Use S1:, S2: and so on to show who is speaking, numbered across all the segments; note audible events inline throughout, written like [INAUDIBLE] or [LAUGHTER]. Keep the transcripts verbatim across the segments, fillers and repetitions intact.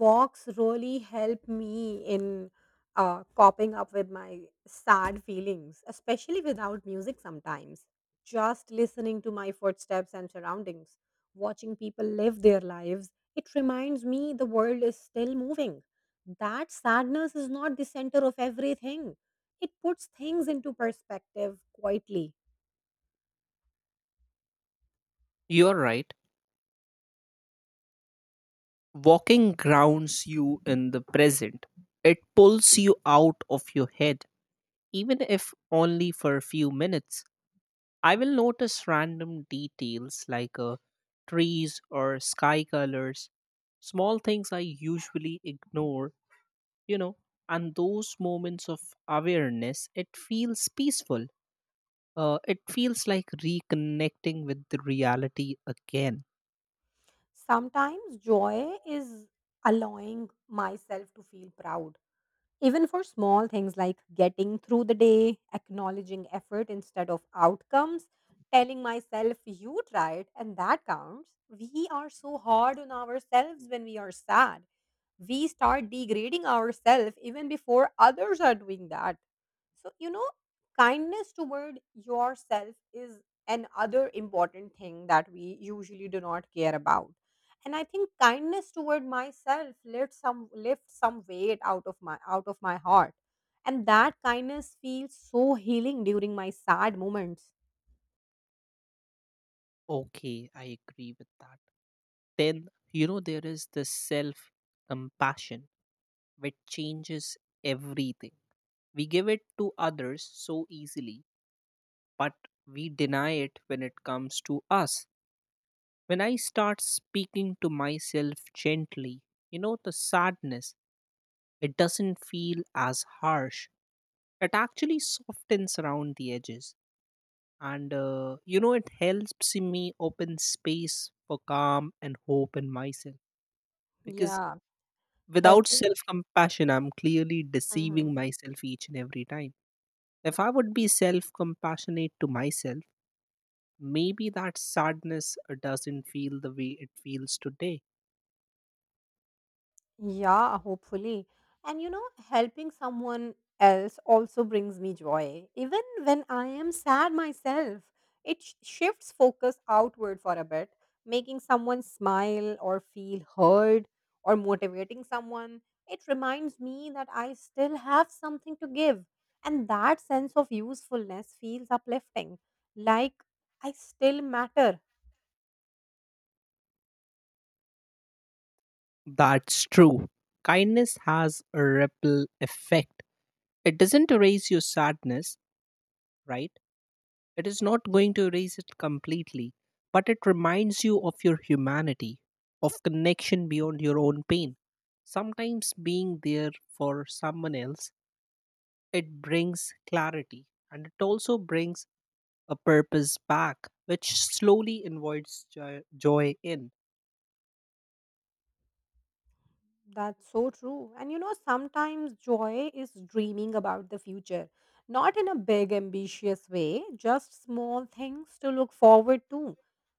S1: Walks really help me in uh, coping up with my sad feelings, especially without music sometimes. Just listening to my footsteps and surroundings, watching people live their lives, it reminds me the world is still moving. That sadness is not the center of everything. It puts things into perspective quietly.
S2: You're right. Walking grounds you in the present. It pulls you out of your head, even if only for a few minutes. I will notice random details like uh, trees or sky colors, small things I usually ignore, you know, and those moments of awareness, it feels peaceful. Uh, it feels like reconnecting with the reality again.
S1: Sometimes joy is allowing myself to feel proud even for small things like getting through the day, acknowledging effort instead of outcomes, telling myself, you tried, and that counts. We are so hard on ourselves when we are sad. We start degrading ourselves even before others are doing that. So, you know, kindness toward yourself is another important thing that we usually do not care about, and I think kindness toward myself lift some lift some weight out of my out of my heart, and that kindness feels so healing during my sad moments.
S2: Okay, I agree with that. Then, you know, there is this self compassion which changes everything. We give it to others so easily, but we deny it when it comes to us. When I start speaking to myself gently, you know, the sadness, it doesn't feel as harsh. It actually softens around the edges. And uh, you know, it helps me open space for calm and hope in myself, because
S1: Yeah,
S2: without
S1: helping.
S2: self compassion I'm clearly
S1: Mhm.
S2: deceiving myself each and every time. If I would be self compassionate to myself, maybe that sadness uh, doesn't feel the way it feels today.
S1: Yeah, hopefully. And you know, helping someone else also brings me joy. Even when I am sad myself, it sh- shifts focus outward for a bit, making someone smile or feel heard or motivating someone. It reminds me that I still have something to give. And that sense of usefulness feels uplifting, like I still matter.
S2: That's true. Kindness has a ripple effect. It doesn't erase your sadness, right? It is not going to erase it completely, but it reminds you of your humanity, of connection beyond your own pain. Sometimes being there for someone else, it brings clarity and it also brings a purpose back, which slowly invites jo- joy in.
S1: That's so true. And you know, sometimes joy is dreaming about the future, not in a big, ambitious way, just small things to look forward to,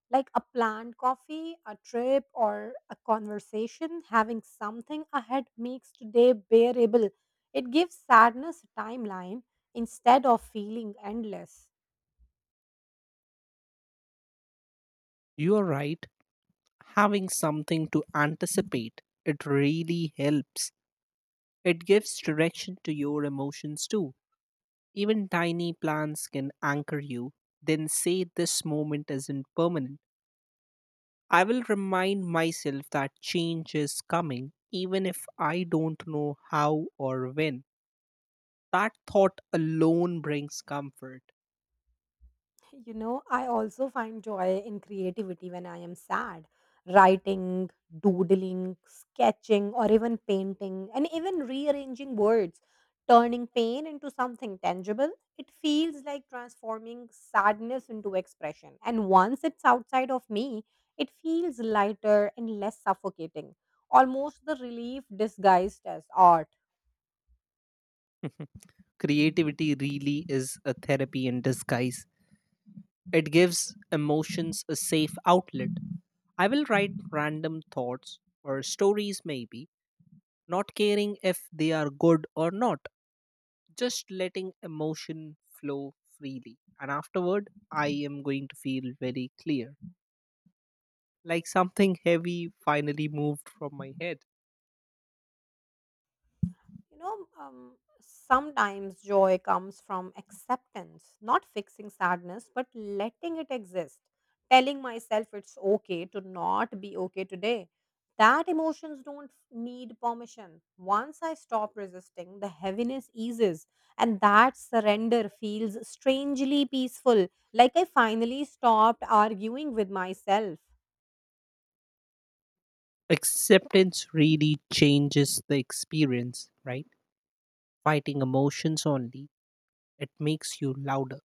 S1: like a planned coffee, a trip, or a conversation. Having something ahead makes today bearable. It gives sadness a timeline instead of feeling endless.
S2: You are right, having something to anticipate, it really helps. It gives direction to your emotions too. Even tiny plans can anchor you, then say this moment isn't permanent. I will remind myself that change is coming, even if I don't know how or when. That thought alone brings comfort.
S1: You know, I also find joy in creativity when I am sad. Writing, doodling, sketching, or even painting, and even rearranging words, turning pain into something tangible. It feels like transforming sadness into expression. And once it's outside of me, it feels lighter and less suffocating. Almost the relief disguised as art.
S2: [LAUGHS] Creativity really is a therapy in disguise. It gives emotions a safe outlet. I will write random thoughts or stories, maybe, not caring if they are good or not, just letting emotion flow freely. And afterward, I am going to feel very clear, like something heavy finally moved from my head.
S1: You know, um, sometimes joy comes from acceptance, not fixing sadness, but letting it exist. Telling myself it's okay to not be okay today. That emotions don't need permission. Once I stop resisting, the heaviness eases, and that surrender feels strangely peaceful, like I finally stopped arguing with myself.
S2: Acceptance really changes the experience, right? Fighting emotions only, it makes you louder.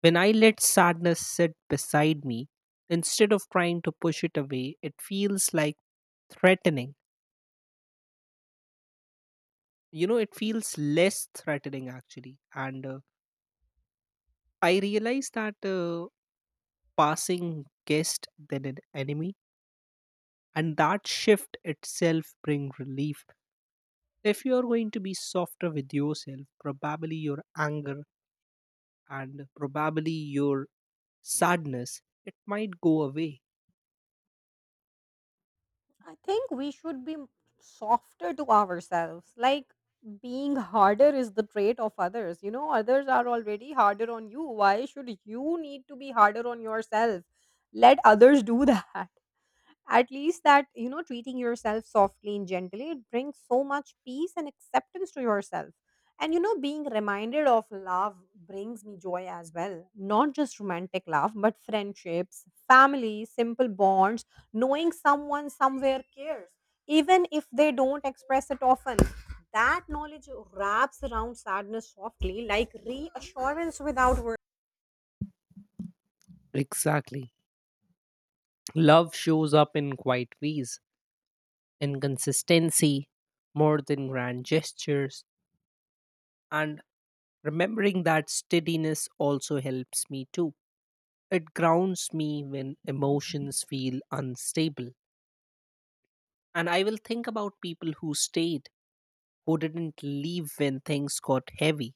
S2: When I let sadness sit beside me, instead of trying to push it away, it feels like threatening. You know, it feels less threatening actually. And uh, I realize that. Uh, passing guest than an enemy, and that shift itself bring relief. If you are going to be softer with yourself, probably your anger and probably your sadness, it might go away.
S1: I think we should be softer to ourselves. Like, being harder is the trait of others. You know, others are already harder on you. Why should you need to be harder on yourself? Let others do [LAUGHS] that. At least that, you know, treating yourself softly and gently, it brings so much peace and acceptance to yourself. And, you know, being reminded of love brings me joy as well. Not just romantic love, but friendships, family, simple bonds, knowing someone somewhere cares. Even if they don't express it often, that knowledge wraps around sadness softly, like reassurance without words.
S2: Exactly. Love shows up in quiet ways, in consistency, more than grand gestures. And remembering that steadiness also helps me too. It grounds me when emotions feel unstable. And I will think about people who stayed, who didn't leave when things got heavy.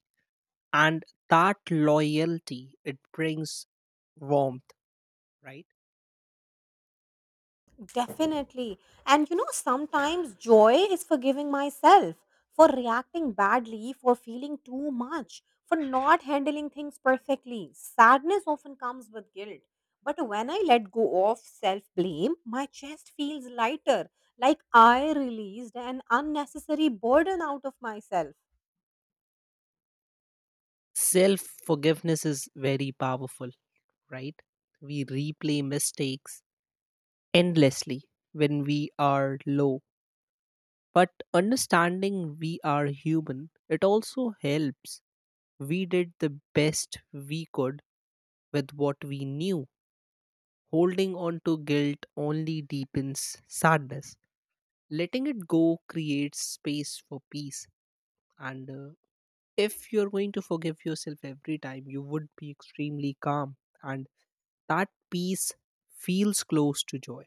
S2: And that loyalty, it brings warmth, right?
S1: Definitely. And you know, sometimes joy is forgiving myself for reacting badly, for feeling too much, for not handling things perfectly. Sadness often comes with guilt. But when I let go of self blame, my chest feels lighter, like I released an unnecessary burden out of myself.
S2: Self forgiveness is very powerful, right? We replay mistakes endlessly when we are low. But understanding we are human, it also helps. We did the best we could with what we knew. Holding on to guilt only deepens sadness. Letting it go creates space for peace. And uh, if you're going to forgive yourself every time, you would be extremely calm. And that peace feels close to joy.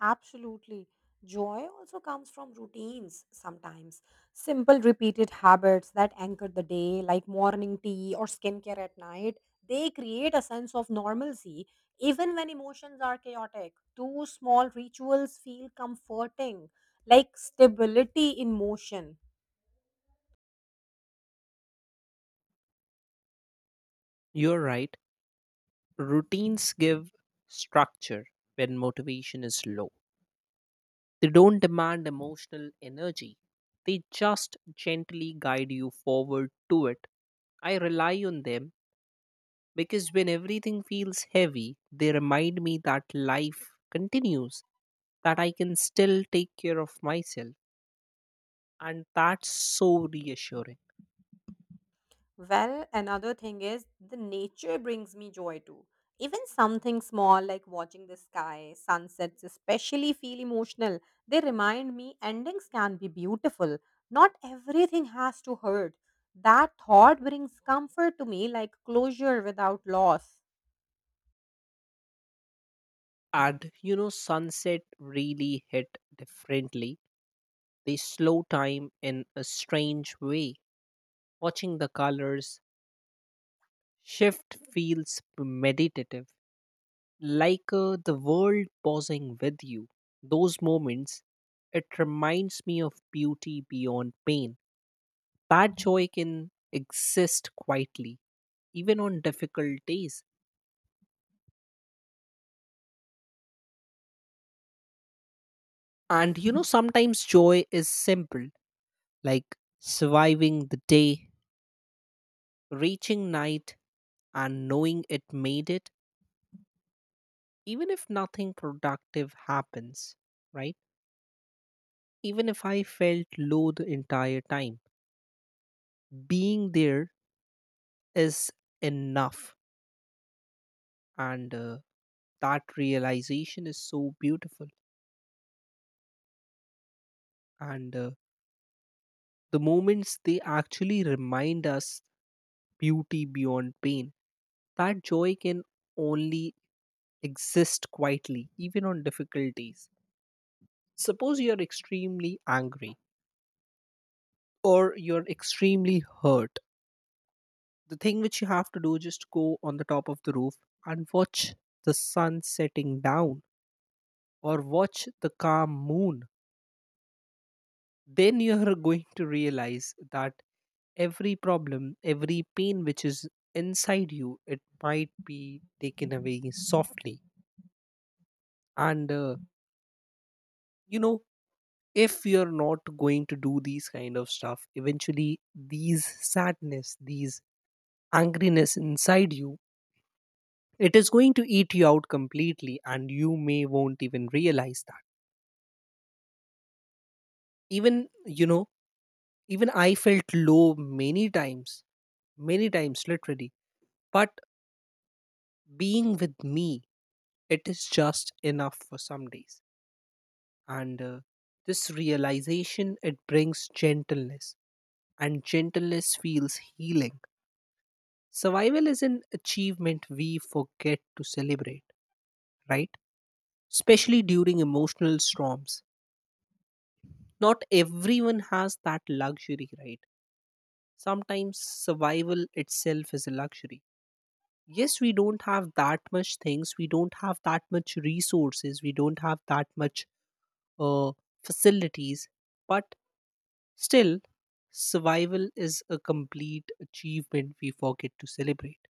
S1: Absolutely. Joy also comes from routines sometimes. Simple, repeated habits that anchor the day, like morning tea or skincare at night, they create a sense of normalcy even when emotions are chaotic. Two small rituals feel comforting, like stability in motion.
S2: You're right. Routines give structure when motivation is low. They don't demand emotional energy, they just gently guide you forward to it. I rely on them because when everything feels heavy, they remind me that life continues, that I can still take care of myself, and that's so reassuring.
S1: Well, another thing is the nature brings me joy too. Even something small like watching the sky, sunsets especially feel emotional. They remind me endings can be beautiful. Not everything has to hurt. That thought brings comfort to me like closure without loss.
S2: And you know, sunset really hit differently. They slow time in a strange way. Watching the colors shift feels meditative, like uh, the world pausing with you. Those moments, it reminds me of beauty beyond pain. That joy can exist quietly, even on difficult days. And you know, sometimes joy is simple, like surviving the day, reaching night, and knowing it made it, even if nothing productive happens, right? Even if I felt low the entire time. Being there is enough, and uh, that realization is so beautiful. And uh, the moments they actually remind us beauty beyond pain. That joy can only exist quietly, even on difficult days. Suppose you're extremely angry or you're extremely hurt. The thing which you have to do, just go on the top of the roof and watch the sun setting down or watch the calm moon, then you are going to realize that every problem, every pain which is inside you, it might be taken away softly. And uh, you know, if you're not going to do these kind of stuff, eventually these sadness, these angriness inside you, it is going to eat you out completely, and you may won't even realize that. Even you know, even I felt low many times, many times literally, but being with me, it is just enough for some days. And uh, this realization, it brings gentleness, and gentleness feels healing. Survival is an achievement we forget to celebrate, right? Especially during emotional storms. Not everyone has that luxury, right? Sometimes survival itself is a luxury. Yes, we don't have that much things, we don't have that much resources, we don't have that much uh, facilities, but still, survival is a complete achievement we forget to celebrate,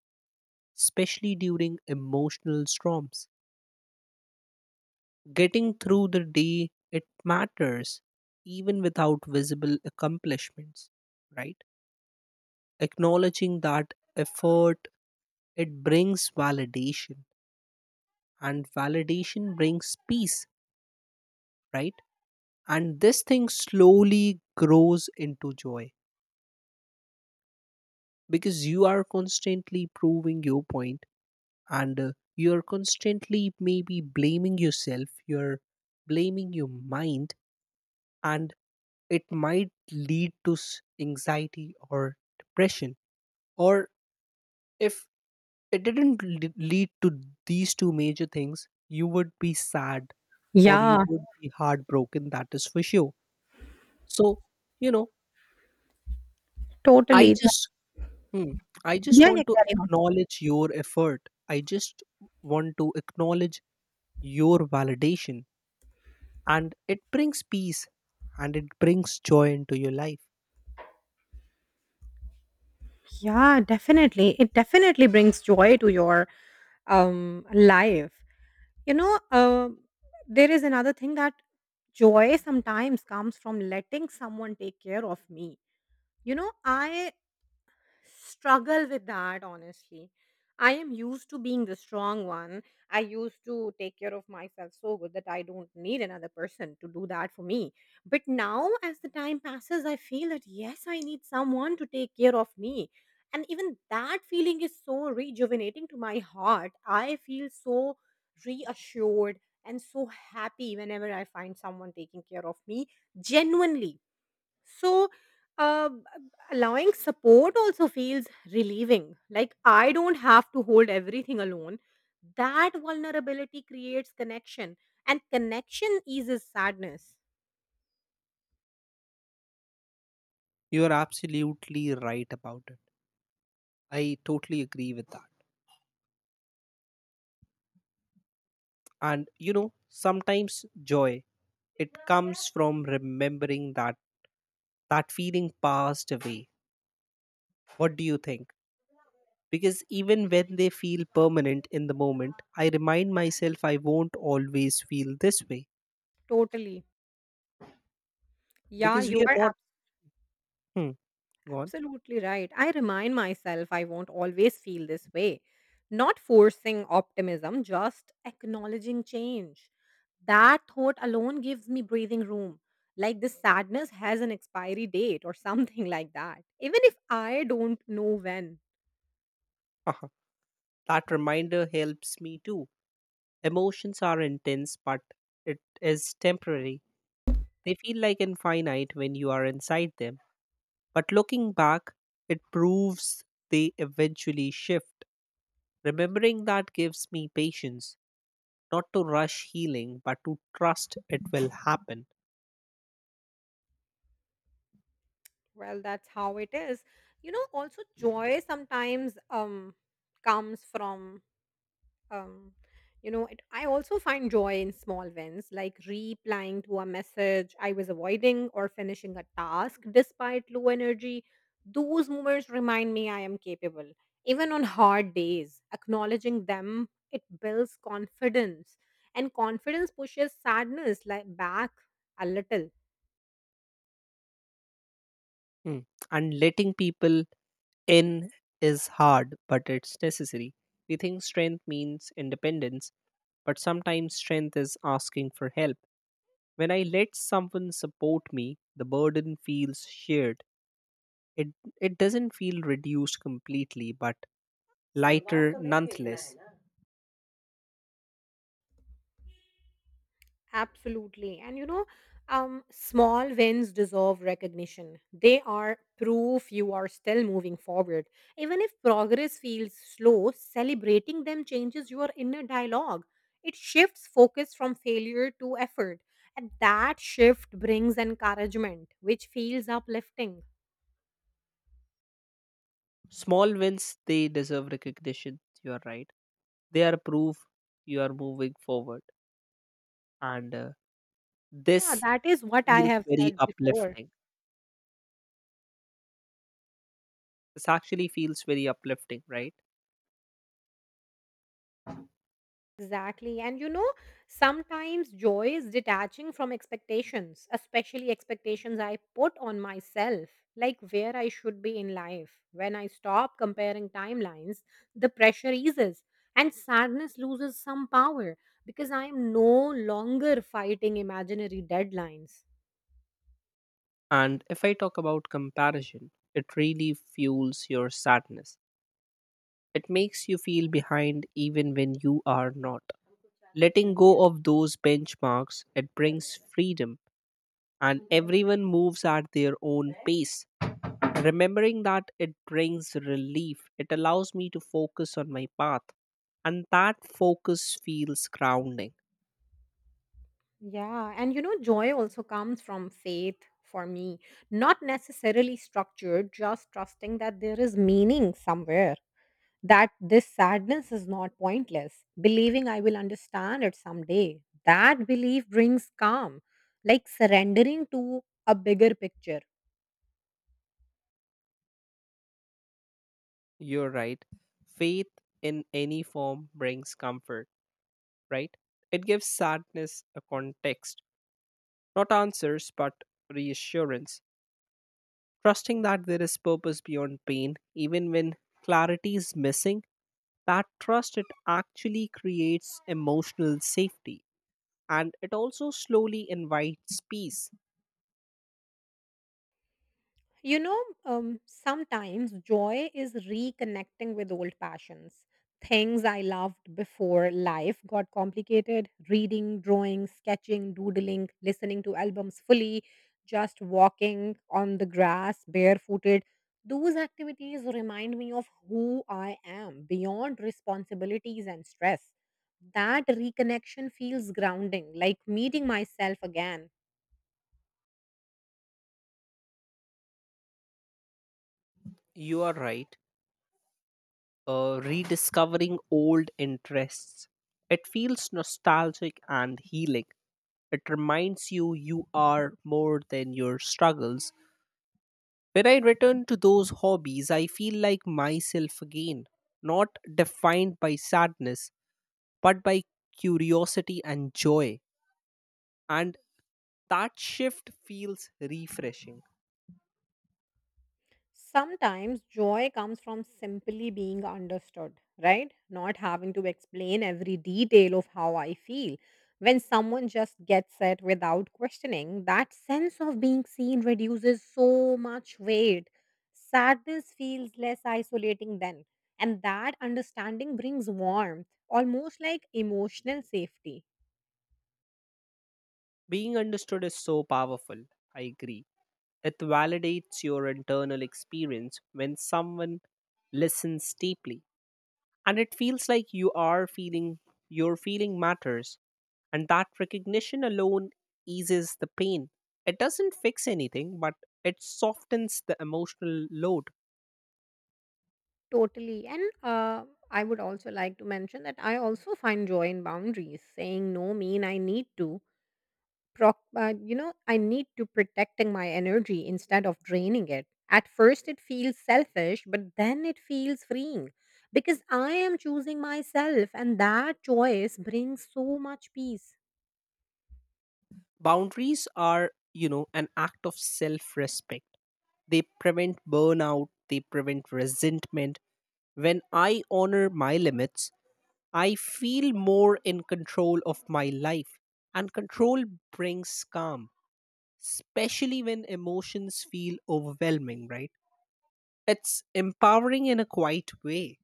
S2: especially during emotional storms. Getting through the day, it matters, even without visible accomplishments, right? Acknowledging that effort, it brings validation, and validation brings peace, right? And this thing slowly grows into joy. Because you are constantly proving your point, and uh, you are constantly maybe blaming yourself, you're blaming your mind, and it might lead to s- anxiety or depression, or if it didn't l- lead to these two major things, you would be sad or
S1: Yeah,
S2: you would be heartbroken, that is for sure. So, you know, I
S1: totally.
S2: just Hmm. I just
S1: Yeah,
S2: want
S1: yeah,
S2: to
S1: carry on.
S2: acknowledge your effort. I just want to acknowledge your validation. And it brings peace and it brings joy into your life.
S1: Yeah, definitely. It definitely brings joy to your um life. You know, uh, there is another thing that joy sometimes comes from letting someone take care of me. You know, I struggle with that honestly. I am used to being the strong one. I used to take care of myself so good that I don't need another person to do that for me. But now as the time passes I feel that yes, I need someone to take care of me, and even that feeling is so rejuvenating to my heart. I feel so reassured and so happy whenever I find someone taking care of me genuinely. So, uh, allowing support also feels relieving. Like, I don't have to hold everything alone. That vulnerability creates connection, and connection eases sadness.
S2: You are absolutely right about it. I totally agree with that. And you know, sometimes joy, it comes from remembering that that feeling passed away. What do you think? Because even when they feel permanent in the moment, I remind myself I won't always feel this way,
S1: Totally. Yeah,
S2: because we
S1: you
S2: are not
S1: are
S2: hmm, go on.
S1: Absolutely right. I remind myself I won't always feel this way. Not forcing optimism, just acknowledging change. That thought alone gives me breathing room. Like this sadness has an expiry date or [LAUGHS] something like that. Even if I don't know when.
S2: Uh-huh. That reminder helps me too. Emotions are intense, but it is temporary. They feel like infinite when you are inside them, but looking back, it proves they eventually shift. Remembering that gives me patience, not to rush healing but to trust it will happen.
S1: Well, that's how it is. You know, also joy sometimes um comes from um you know it, I also find joy in small wins like replying to a message I was avoiding or finishing a task despite low energy. Those moments remind me I am capable. Even on hard days acknowledging them, it builds confidence, and confidence pushes sadness like back a little.
S2: Mm. And letting people in is hard, but it's necessary. We think strength means independence, but sometimes strength is asking for help. When I let someone support me, the burden feels shared. It it doesn't feel reduced completely, but lighter nonetheless.
S1: Absolutely. And you know, um, small wins deserve recognition. They are proof you are still moving forward. Even if progress feels slow, celebrating them changes your inner dialogue. It shifts focus from failure to effort. And that shift brings encouragement, which feels uplifting.
S2: Small wins, they deserve recognition. You are right. They are proof you are moving forward, and uh,
S1: Yeah,
S2: this
S1: that is what I
S2: feels
S1: have
S2: very
S1: said before.
S2: uplifting. This actually feels very uplifting, right?
S1: Exactly. And you know, sometimes joy is detaching from expectations, especially expectations I put on myself, like where I should be in life. When I stop comparing timelines, the pressure eases and sadness loses some power because I am no longer fighting imaginary deadlines.
S2: And if I talk about comparison, it really fuels your sadness. It makes you feel behind even when you are not. Letting go of those benchmarks, it brings freedom, and everyone moves at their own pace. Remembering that, it brings relief, it allows me to focus on my path, and that focus feels grounding.
S1: Yeah. And you know, joy also comes from faith for me, not necessarily structured, just trusting that there is meaning somewhere, that this sadness is not pointless, believing I will understand it someday. That belief brings calm, like surrendering to a bigger picture.
S2: You're right. Faith in any form brings comfort, right? It gives sadness a context, not answers, but reassurance. Trusting that there is purpose beyond pain, even when clarity is missing, that trust, it actually creates emotional safety, and it also slowly invites peace.
S1: You know, um, sometimes joy is reconnecting with old passions. Things I loved before life got complicated: reading, drawing, sketching, doodling, listening to albums fully, just walking on the grass barefooted. Those activities remind me of who I am beyond responsibilities and stress. That reconnection feels grounding, like meeting myself again.
S2: You are right, uh, rediscovering old interests. It feels nostalgic and healing. It reminds you you are more than your struggles. When I return to those hobbies, I feel like myself again, not defined by sadness, but by curiosity and joy. And that shift feels refreshing.
S1: Sometimes joy comes from simply being understood, right? Not having to explain every detail of how I feel. When someone just gets it without questioning, that sense of being seen reduces so much weight. Sadness feels less isolating then. And that understanding brings warmth, almost like emotional safety.
S2: Being understood is so powerful. I agree. It validates your internal experience when someone listens deeply. And it feels like you are feeling your feeling matters. And that recognition alone eases the pain. It doesn't fix anything, but it softens the emotional load.
S1: Totally. And uh, I would also like to mention that I also find joy in boundaries. Saying no mean I need to proc- uh, you know, I need to protecting my energy instead of draining it. At first it feels selfish, but then it feels freeing, because I am choosing myself, and that choice brings so much peace.
S2: Boundaries are, you know, an act of self respect. They prevent burnout, they prevent resentment. When I honor my limits, I feel more in control of my life, and control brings calm, especially when emotions feel overwhelming, right? It's empowering in a quiet way.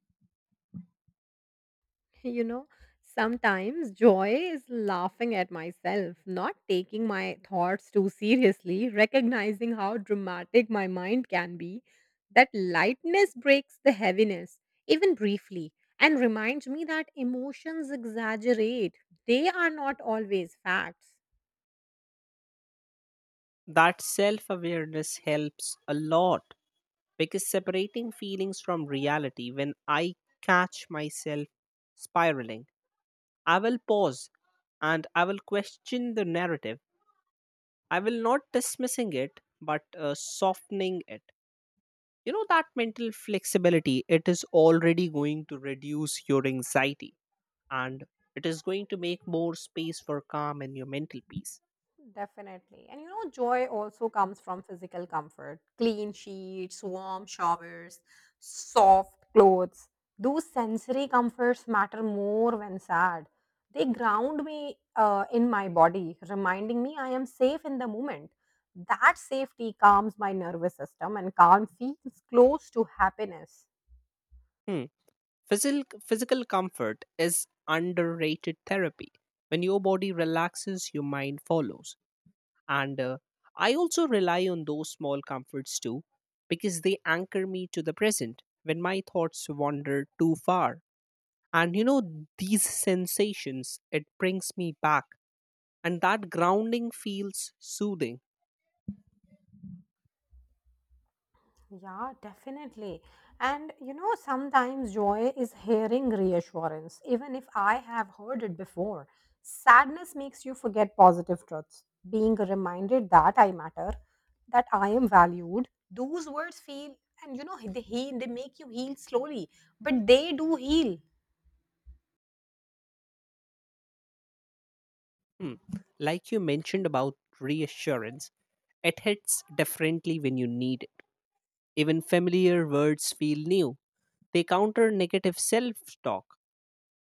S1: [LAUGHS] You know, sometimes joy is laughing at myself, not taking my thoughts too seriously, recognizing how dramatic my mind can be. That lightness breaks the heaviness, even briefly, and reminds me that emotions exaggerate. They are not always facts.
S2: That self awareness helps a lot, because separating feelings from reality, when I catch myself spiraling, I will pause and I will question the narrative. I will not dismissing it, but uh, softening it. You know, that mental flexibility, it is already going to reduce your anxiety, and it is going to make more space for calm and your mental peace.
S1: Definitely. And you know, joy also comes from physical comfort: clean sheets, warm showers, soft clothes. Those sensory comforts matter more when sad. They ground me uh, in my body, reminding me I am safe in the moment. That safety calms my nervous system, and calm feels close to happiness.
S2: Hmm. physical physical comfort is underrated therapy. When your body relaxes, your mind follows. And uh, I also rely on those small comforts too, because they anchor me to the present when my thoughts wander too far. And you know, these sensations, it brings me back, and that grounding feels soothing.
S1: Yeah, definitely. And you know, sometimes joy is hearing reassurance, even if I have heard it before. Sadness makes you forget positive truths. Being reminded that I matter, that I am valued, those words feel, and you know, they heal, they make you heal slowly, but they do heal.
S2: Hmm. Like you mentioned about reassurance, it hits differently when you need it. Even familiar words feel new. They counter negative self talk,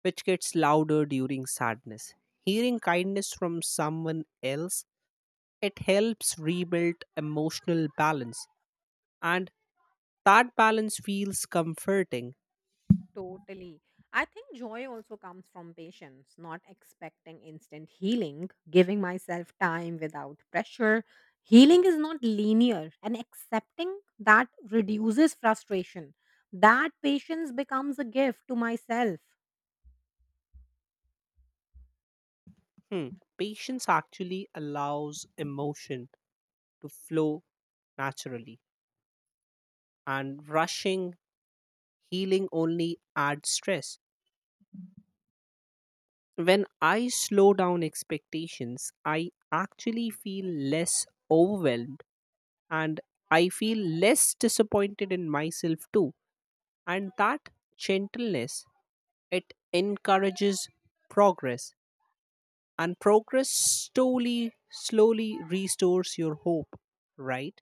S2: which gets louder during sadness. Hearing kindness from someone else, it helps rebuild emotional balance, and that balance feels comforting.
S1: Totally. I think joy also comes from patience, not expecting instant healing, giving myself time without pressure. Healing is not linear, and accepting that reduces frustration. That patience becomes a gift to myself.
S2: Hmm. Patience actually allows emotion to flow naturally. And rushing healing only adds stress. When I slow down expectations, I actually feel less overwhelmed, and I feel less disappointed in myself too. And that gentleness, it encourages progress. And progress slowly, slowly restores your hope, right?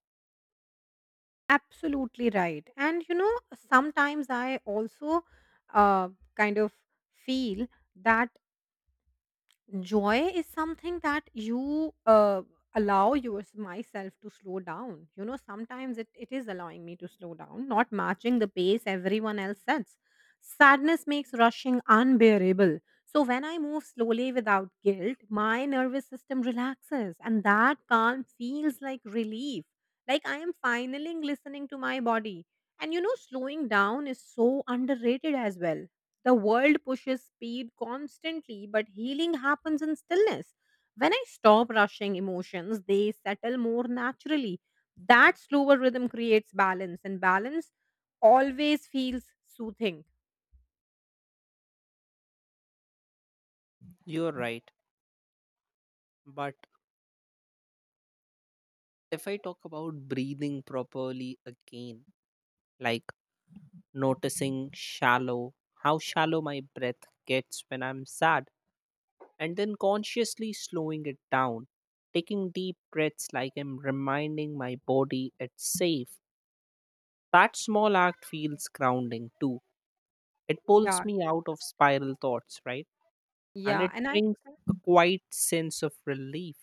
S1: Absolutely right. And you know, sometimes I also uh, kind of feel that joy is something that you uh, allow yours myself to slow down. You know, sometimes it, it is allowing me to slow down, not matching the pace everyone else sets. Sadness makes rushing unbearable. So when I move slowly without guilt, my nervous system relaxes, and that calm feels like relief. Like I am finally listening to my body. And you know, slowing down is so underrated as well. The world pushes speed constantly, but healing happens in stillness. When I stop rushing emotions, they settle more naturally. That slower rhythm creates balance, and balance always feels soothing.
S2: You're right. But if I talk about breathing properly again, like noticing shallow how shallow my breath gets when I'm sad, and then consciously slowing it down, taking deep breaths like I'm reminding my body it's safe. That small act feels grounding too. It pulls
S1: Yeah,
S2: me
S1: true.
S2: out of spiral thoughts, right? And
S1: Yeah,
S2: it
S1: and
S2: brings a quiet sense of relief.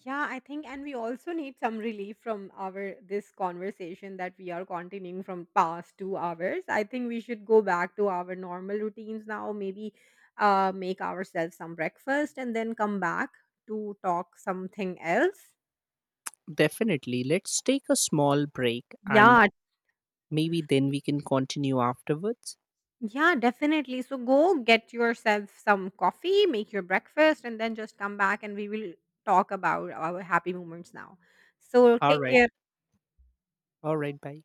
S1: yeah, I think, and we also need some relief from our this conversation that we are continuing from past two hours. I think we should go back to our normal routines now. Maybe uh, make ourselves some breakfast and then come back to talk something else.
S2: Definitely. Let's take a small break and
S1: Yeah,
S2: maybe then we can continue afterwards.
S1: yeah, definitely. So go get yourself some coffee, make your breakfast, and then just come back and we will talk about our happy moments now. So
S2: All
S1: take
S2: right.
S1: care.
S2: All right. Bye.